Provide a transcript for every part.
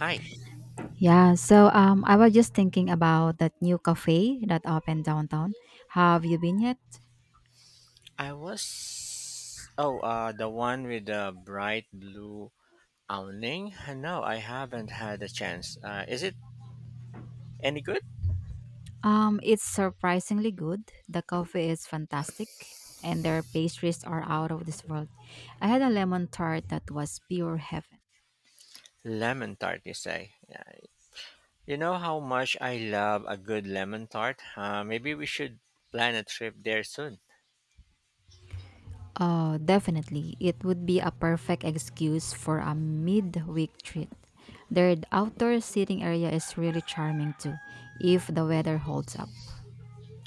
Hi, Yeah, so I was just thinking about that new cafe that opened downtown. Have you been yet? I was. Oh, the one with the bright blue awning? No, I haven't had a chance. Is it any good? It's surprisingly good. The coffee is fantastic, and their pastries are out of this world. I had a lemon tart that was pure heaven. Lemon tart, you say? Yeah. You know how much I love a good lemon tart? Maybe we should plan a trip there soon. Oh, definitely. It would be a perfect excuse for a midweek treat. Their outdoor seating area is really charming too, if the weather holds up.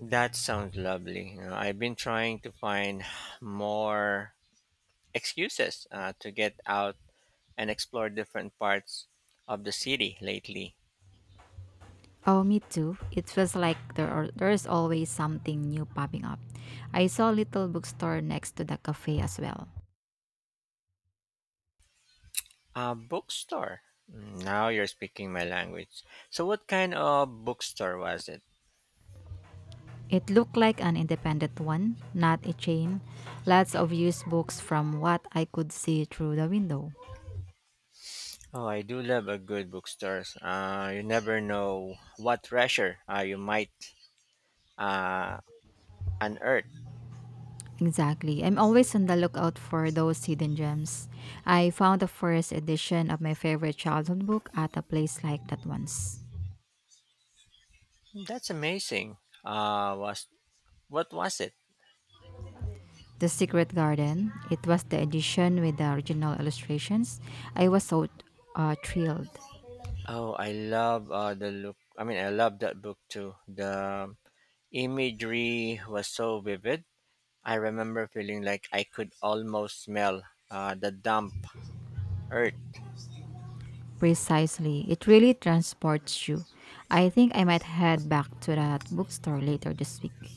That sounds lovely. You know, I've been trying to find more excuses to get out and explore different parts of the city lately. Oh, me too. It feels like there's always something new popping up. I saw a little bookstore next to the cafe as well. A bookstore. Mm, now you're speaking my language. So, what kind of bookstore was it? It looked like an independent one, not a chain. Lots of used books from what I could see through the window. Oh, I do love a good bookstore. You never know what treasure you might uh, unearth. Exactly. I'm always on the lookout for those hidden gems. I found the first edition of my favorite childhood book at a place like that once. That's amazing. Was what was it? The Secret Garden. It was the edition with the original illustrations. I was so thrilled. Oh, I love the look. I mean, I love that book too. The imagery was so vivid. I remember feeling like I could almost smell the damp earth. Precisely. It really transports you. I think I might head back to that bookstore later this week.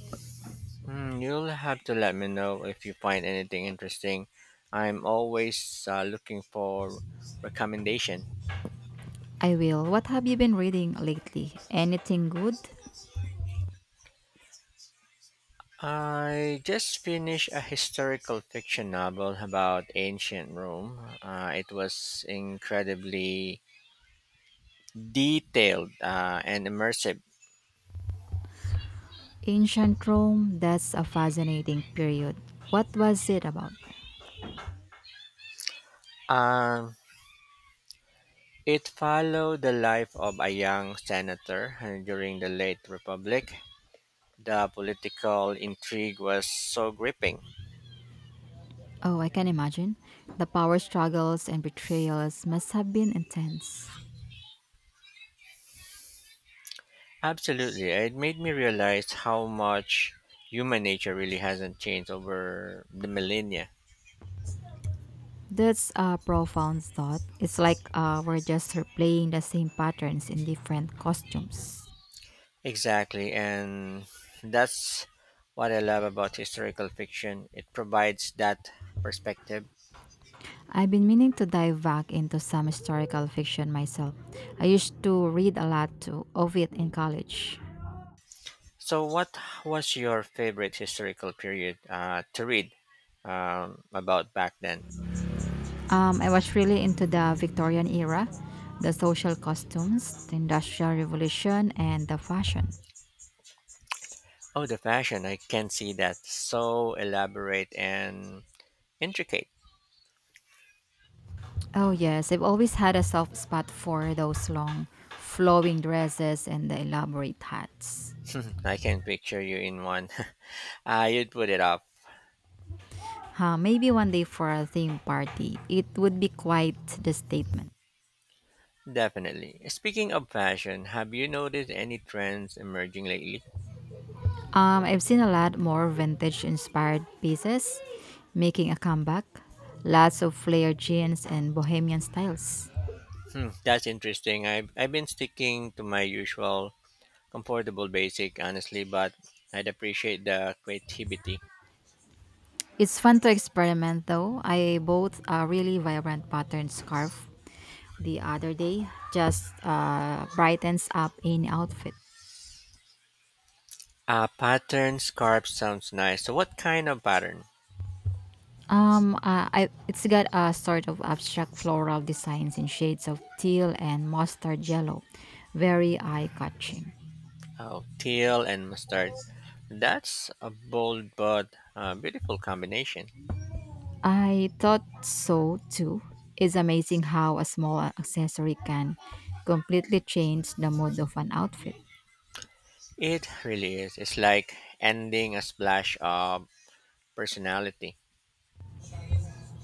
Mm, you'll have to let me know if you find anything interesting. I'm always looking for recommendation. I will. What have you been reading lately? Anything good? I just finished a historical fiction novel about ancient Rome. It was incredibly detailed and immersive. Ancient Rome, that's a fascinating period. What was it about? Um, it followed the life of a young senator during the late Republic. The political intrigue was so gripping. Oh, I can imagine. The power struggles and betrayals must have been intense. Absolutely. It made me realize how much human nature really hasn't changed over the millennia. That's a profound thought. It's like we're just replaying the same patterns in different costumes. Exactly. And that's what I love about historical fiction. It provides that perspective. I've been meaning to dive back into some historical fiction myself. I used to read a lot of it in college. So, what was your favorite historical period to read about back then? I was really into the Victorian era, the social costumes, the Industrial Revolution, and the fashion. Oh, the fashion. I can see that. So elaborate and intricate. Oh, yes, I've always had a soft spot for those long, flowing dresses and the elaborate hats. I can picture you in one. Ah, you'd put it up. Huh, maybe one day for a theme party, it would be quite the statement. Definitely. Speaking of fashion, have you noticed any trends emerging lately? I've seen a lot more vintage inspired pieces making a comeback. Lots of flared jeans and bohemian styles. Hmm, that's interesting. I've been sticking to my usual comfortable basic, honestly, but I'd appreciate the creativity. It's fun to experiment though. I bought a really vibrant pattern scarf the other day. Just brightens up any outfit. Pattern scarf sounds nice. So, what kind of pattern? It's got a sort of abstract floral designs in shades of teal and mustard yellow. Very eye catching. Oh, teal and mustard. That's a bold but beautiful combination. I thought so too. It's amazing how a small accessory can completely change the mood of an outfit. It really is. It's like ending a splash of personality.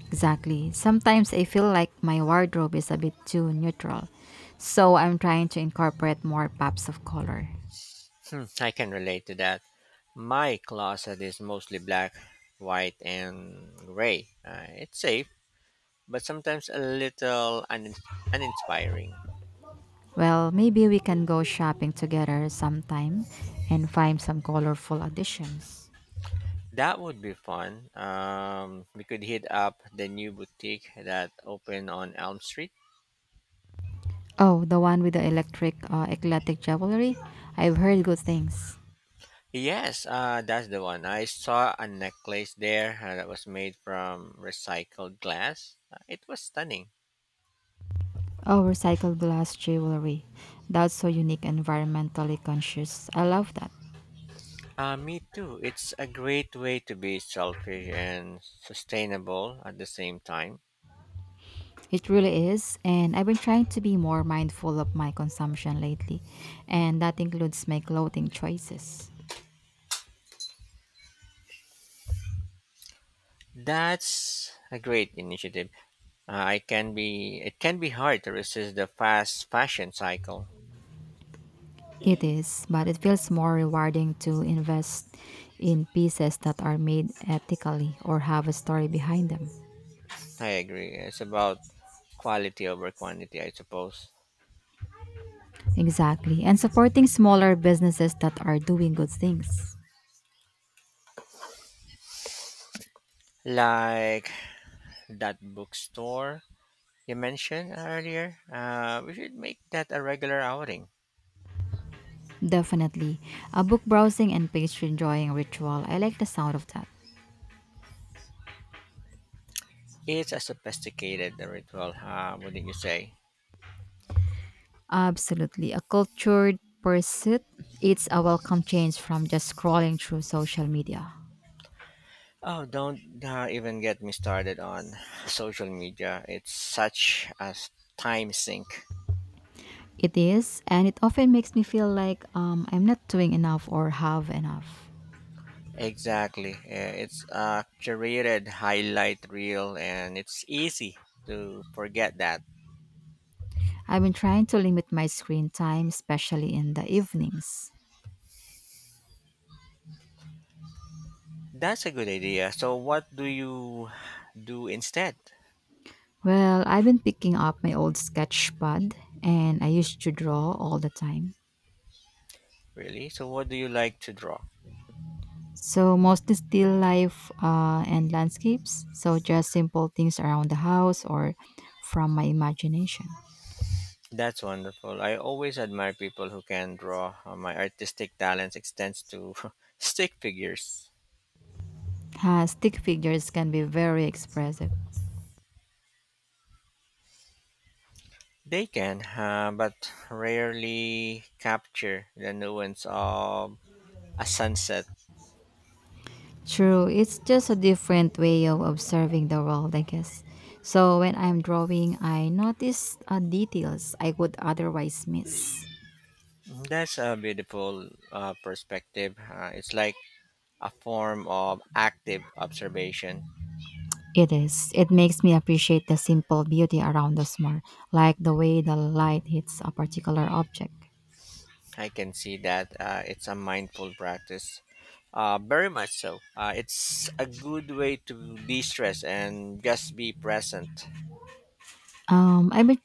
Exactly. Sometimes I feel like my wardrobe is a bit too neutral, so I'm trying to incorporate more pops of color. Hmm, I can relate to that. My closet is mostly black, white, and gray. It's safe, but sometimes a little uninspiring. Well, maybe we can go shopping together sometime and find some colorful additions. That would be fun. We could hit up the new boutique that opened on Elm Street. Oh, the one with the electric eclectic jewelry? I've heard good things. Yes, that's the one. I saw a necklace there that was made from recycled glass. It was stunning. Oh, recycled glass jewelry. That's so unique and environmentally conscious. I love that. Me too. It's a great way to be selfish and sustainable at the same time. It really is, and I've been trying to be more mindful of my consumption lately, and that includes my clothing choices. That's a great initiative. I can be it can be hard to resist the fast fashion cycle. It is, but it feels more rewarding to invest in pieces that are made ethically or have a story behind them. I agree. It's about quality over quantity, I suppose. Exactly, and supporting smaller businesses that are doing good things. Like that bookstore you mentioned earlier. We should make that a regular outing. Definitely. A book browsing and page enjoying ritual. I like the sound of that. It's a sophisticated ritual, wouldn't you say? Absolutely. A cultured pursuit, it's a welcome change from just scrolling through social media. Oh, don't even get me started on social media. It's such a time sink. It is, and it often makes me feel like I'm not doing enough or have enough. Exactly. Yeah, it's a curated highlight reel and it's easy to forget that. I've been trying to limit my screen time, especially in the evenings. That's a good idea. So what do you do instead? Well, I've been picking up my old sketch pad, and I used to draw all the time. Really? So what do you like to draw? So, mostly still life and landscapes. So, just simple things around the house or from my imagination. That's wonderful. I always admire people who can draw. My artistic talents extends to stick figures. Ah, stick figures can be very expressive. They can, but rarely capture the nuance of a sunset. True, it's just a different way of observing the world, I guess. So when I'm drawing, I notice details I would otherwise miss. That's a beautiful perspective. It's like a form of active observation. It is. It makes me appreciate the simple beauty around us more, like the way the light hits a particular object. I can see that it's a mindful practice. Very much so. It's a good way to de stress and just be present. I bet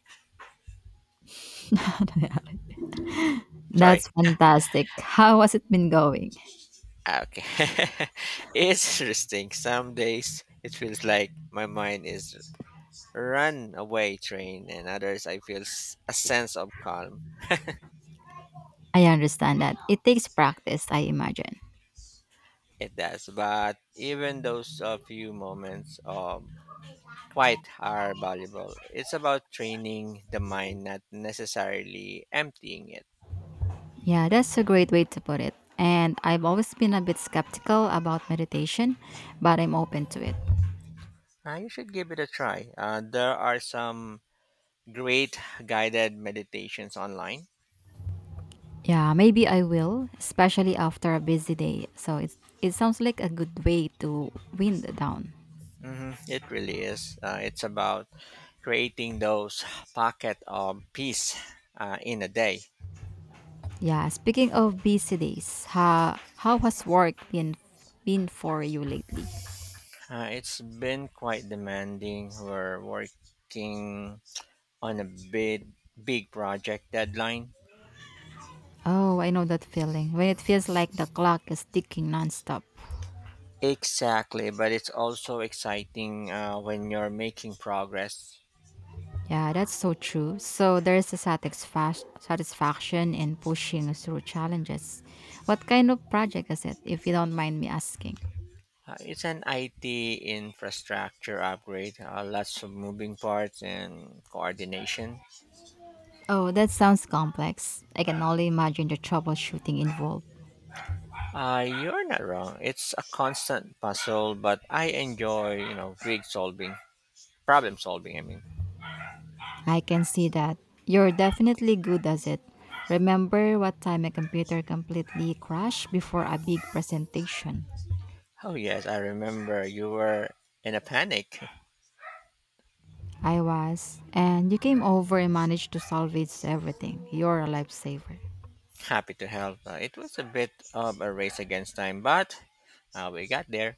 Sorry. that's fantastic. How has it been going? Ah, okay. It's interesting. Some days it feels like my mind is runaway train, and others I feel a sense of calm. I understand that it takes practice, I imagine. It does. But even those few moments of quite are valuable. It's about training the mind, not necessarily emptying it. Yeah, that's a great way to put it. And I've always been a bit skeptical about meditation, but I'm open to it. You should give it a try. There are some great guided meditations online. Yeah, maybe I will, especially after a busy day. So it sounds like a good way to wind down. Hmm, it really is. It's about creating those pocket of peace in a day. Yeah, speaking of busy days, how has work been for you lately? It's been quite demanding. We're working on a big project deadline. Oh, I know that feeling when it feels like the clock is ticking nonstop. Exactly, but it's also exciting when you're making progress. Yeah, that's so true. So there's a satisfaction in pushing through challenges. What kind of project is it, if you don't mind me asking? It's an IT infrastructure upgrade, lots of moving parts and coordination. Oh, that sounds complex. I can only imagine the troubleshooting involved. You're not wrong. It's a constant puzzle, but I enjoy, you know, problem solving. I can see that. You're definitely good at it. Remember what time a computer completely crashed before a big presentation? Oh yes, I remember you were in a panic. I was. And you came over and managed to salvage everything. You're a lifesaver. Happy to help. It was a bit of a race against time, but we got there.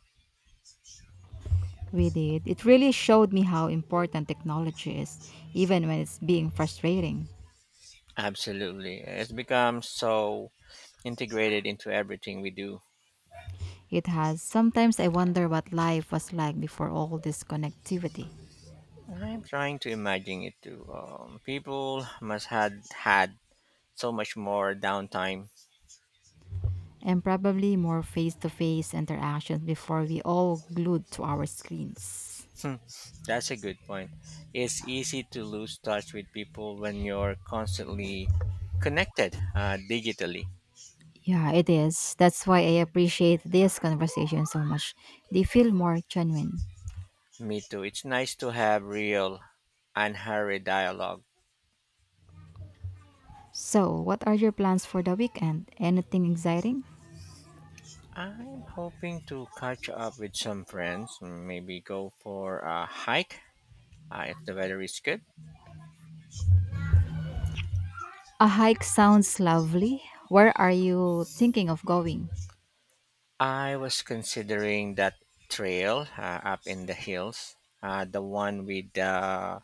We did. It really showed me how important technology is, even when it's being frustrating. Absolutely. It's become so integrated into everything we do. It has. Sometimes I wonder what life was like before all this connectivity, I'm trying to imagine it too. People must had so much more downtime. and probably more face to face interactions before we all glued to our screens. Hmm, that's a good point. It's easy to lose touch with people when you're constantly connected digitally. Yeah, it is. That's why I appreciate this conversation so much. They feel more genuine. Me too. It's nice to have real, unhurried dialogue. So, what are your plans for the weekend? Anything exciting? I'm hoping to catch up with some friends. Maybe go for a hike if the weather is good. A hike sounds lovely. Where are you thinking of going? I was considering that trail up in the hills, the one with the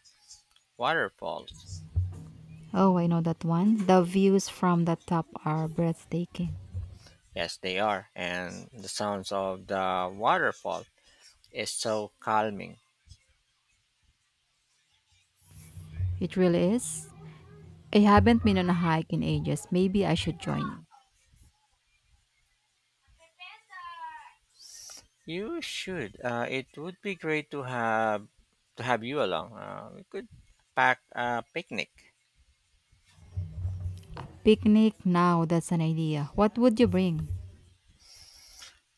waterfalls. Oh, I know that one. The views from the top are breathtaking. Yes, they are, and the sounds of the waterfall is so calming. It really is. I haven't been on a hike in ages. Maybe I should join you. You should. It would be great to have you along. We could pack a picnic. Picnic now, that's an idea. What would you bring?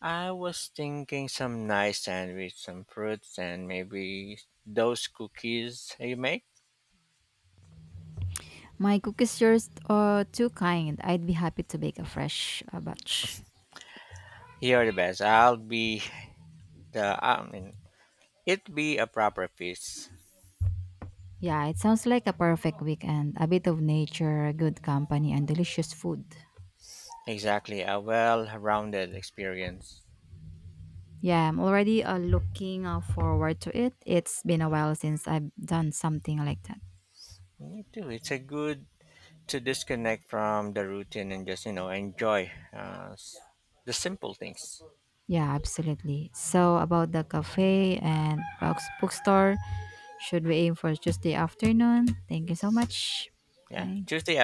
I was thinking some nice sandwich, some fruits, and maybe those cookies you make. My cookies are too kind. I'd be happy to bake a fresh batch. You are the best. I'll be the. I mean, It be a proper feast. Yeah, it sounds like a perfect weekend. A bit of nature, good company, and delicious food. Exactly, a well-rounded experience. Yeah, I'm already looking forward to it. It's been a while since I've done something like that. Me too. It's a good to disconnect from the routine and just you know enjoy the simple things. Yeah, absolutely. So about the cafe and box bookstore, should we aim for Tuesday afternoon? Thank you so much. Yeah, Bye. Tuesday.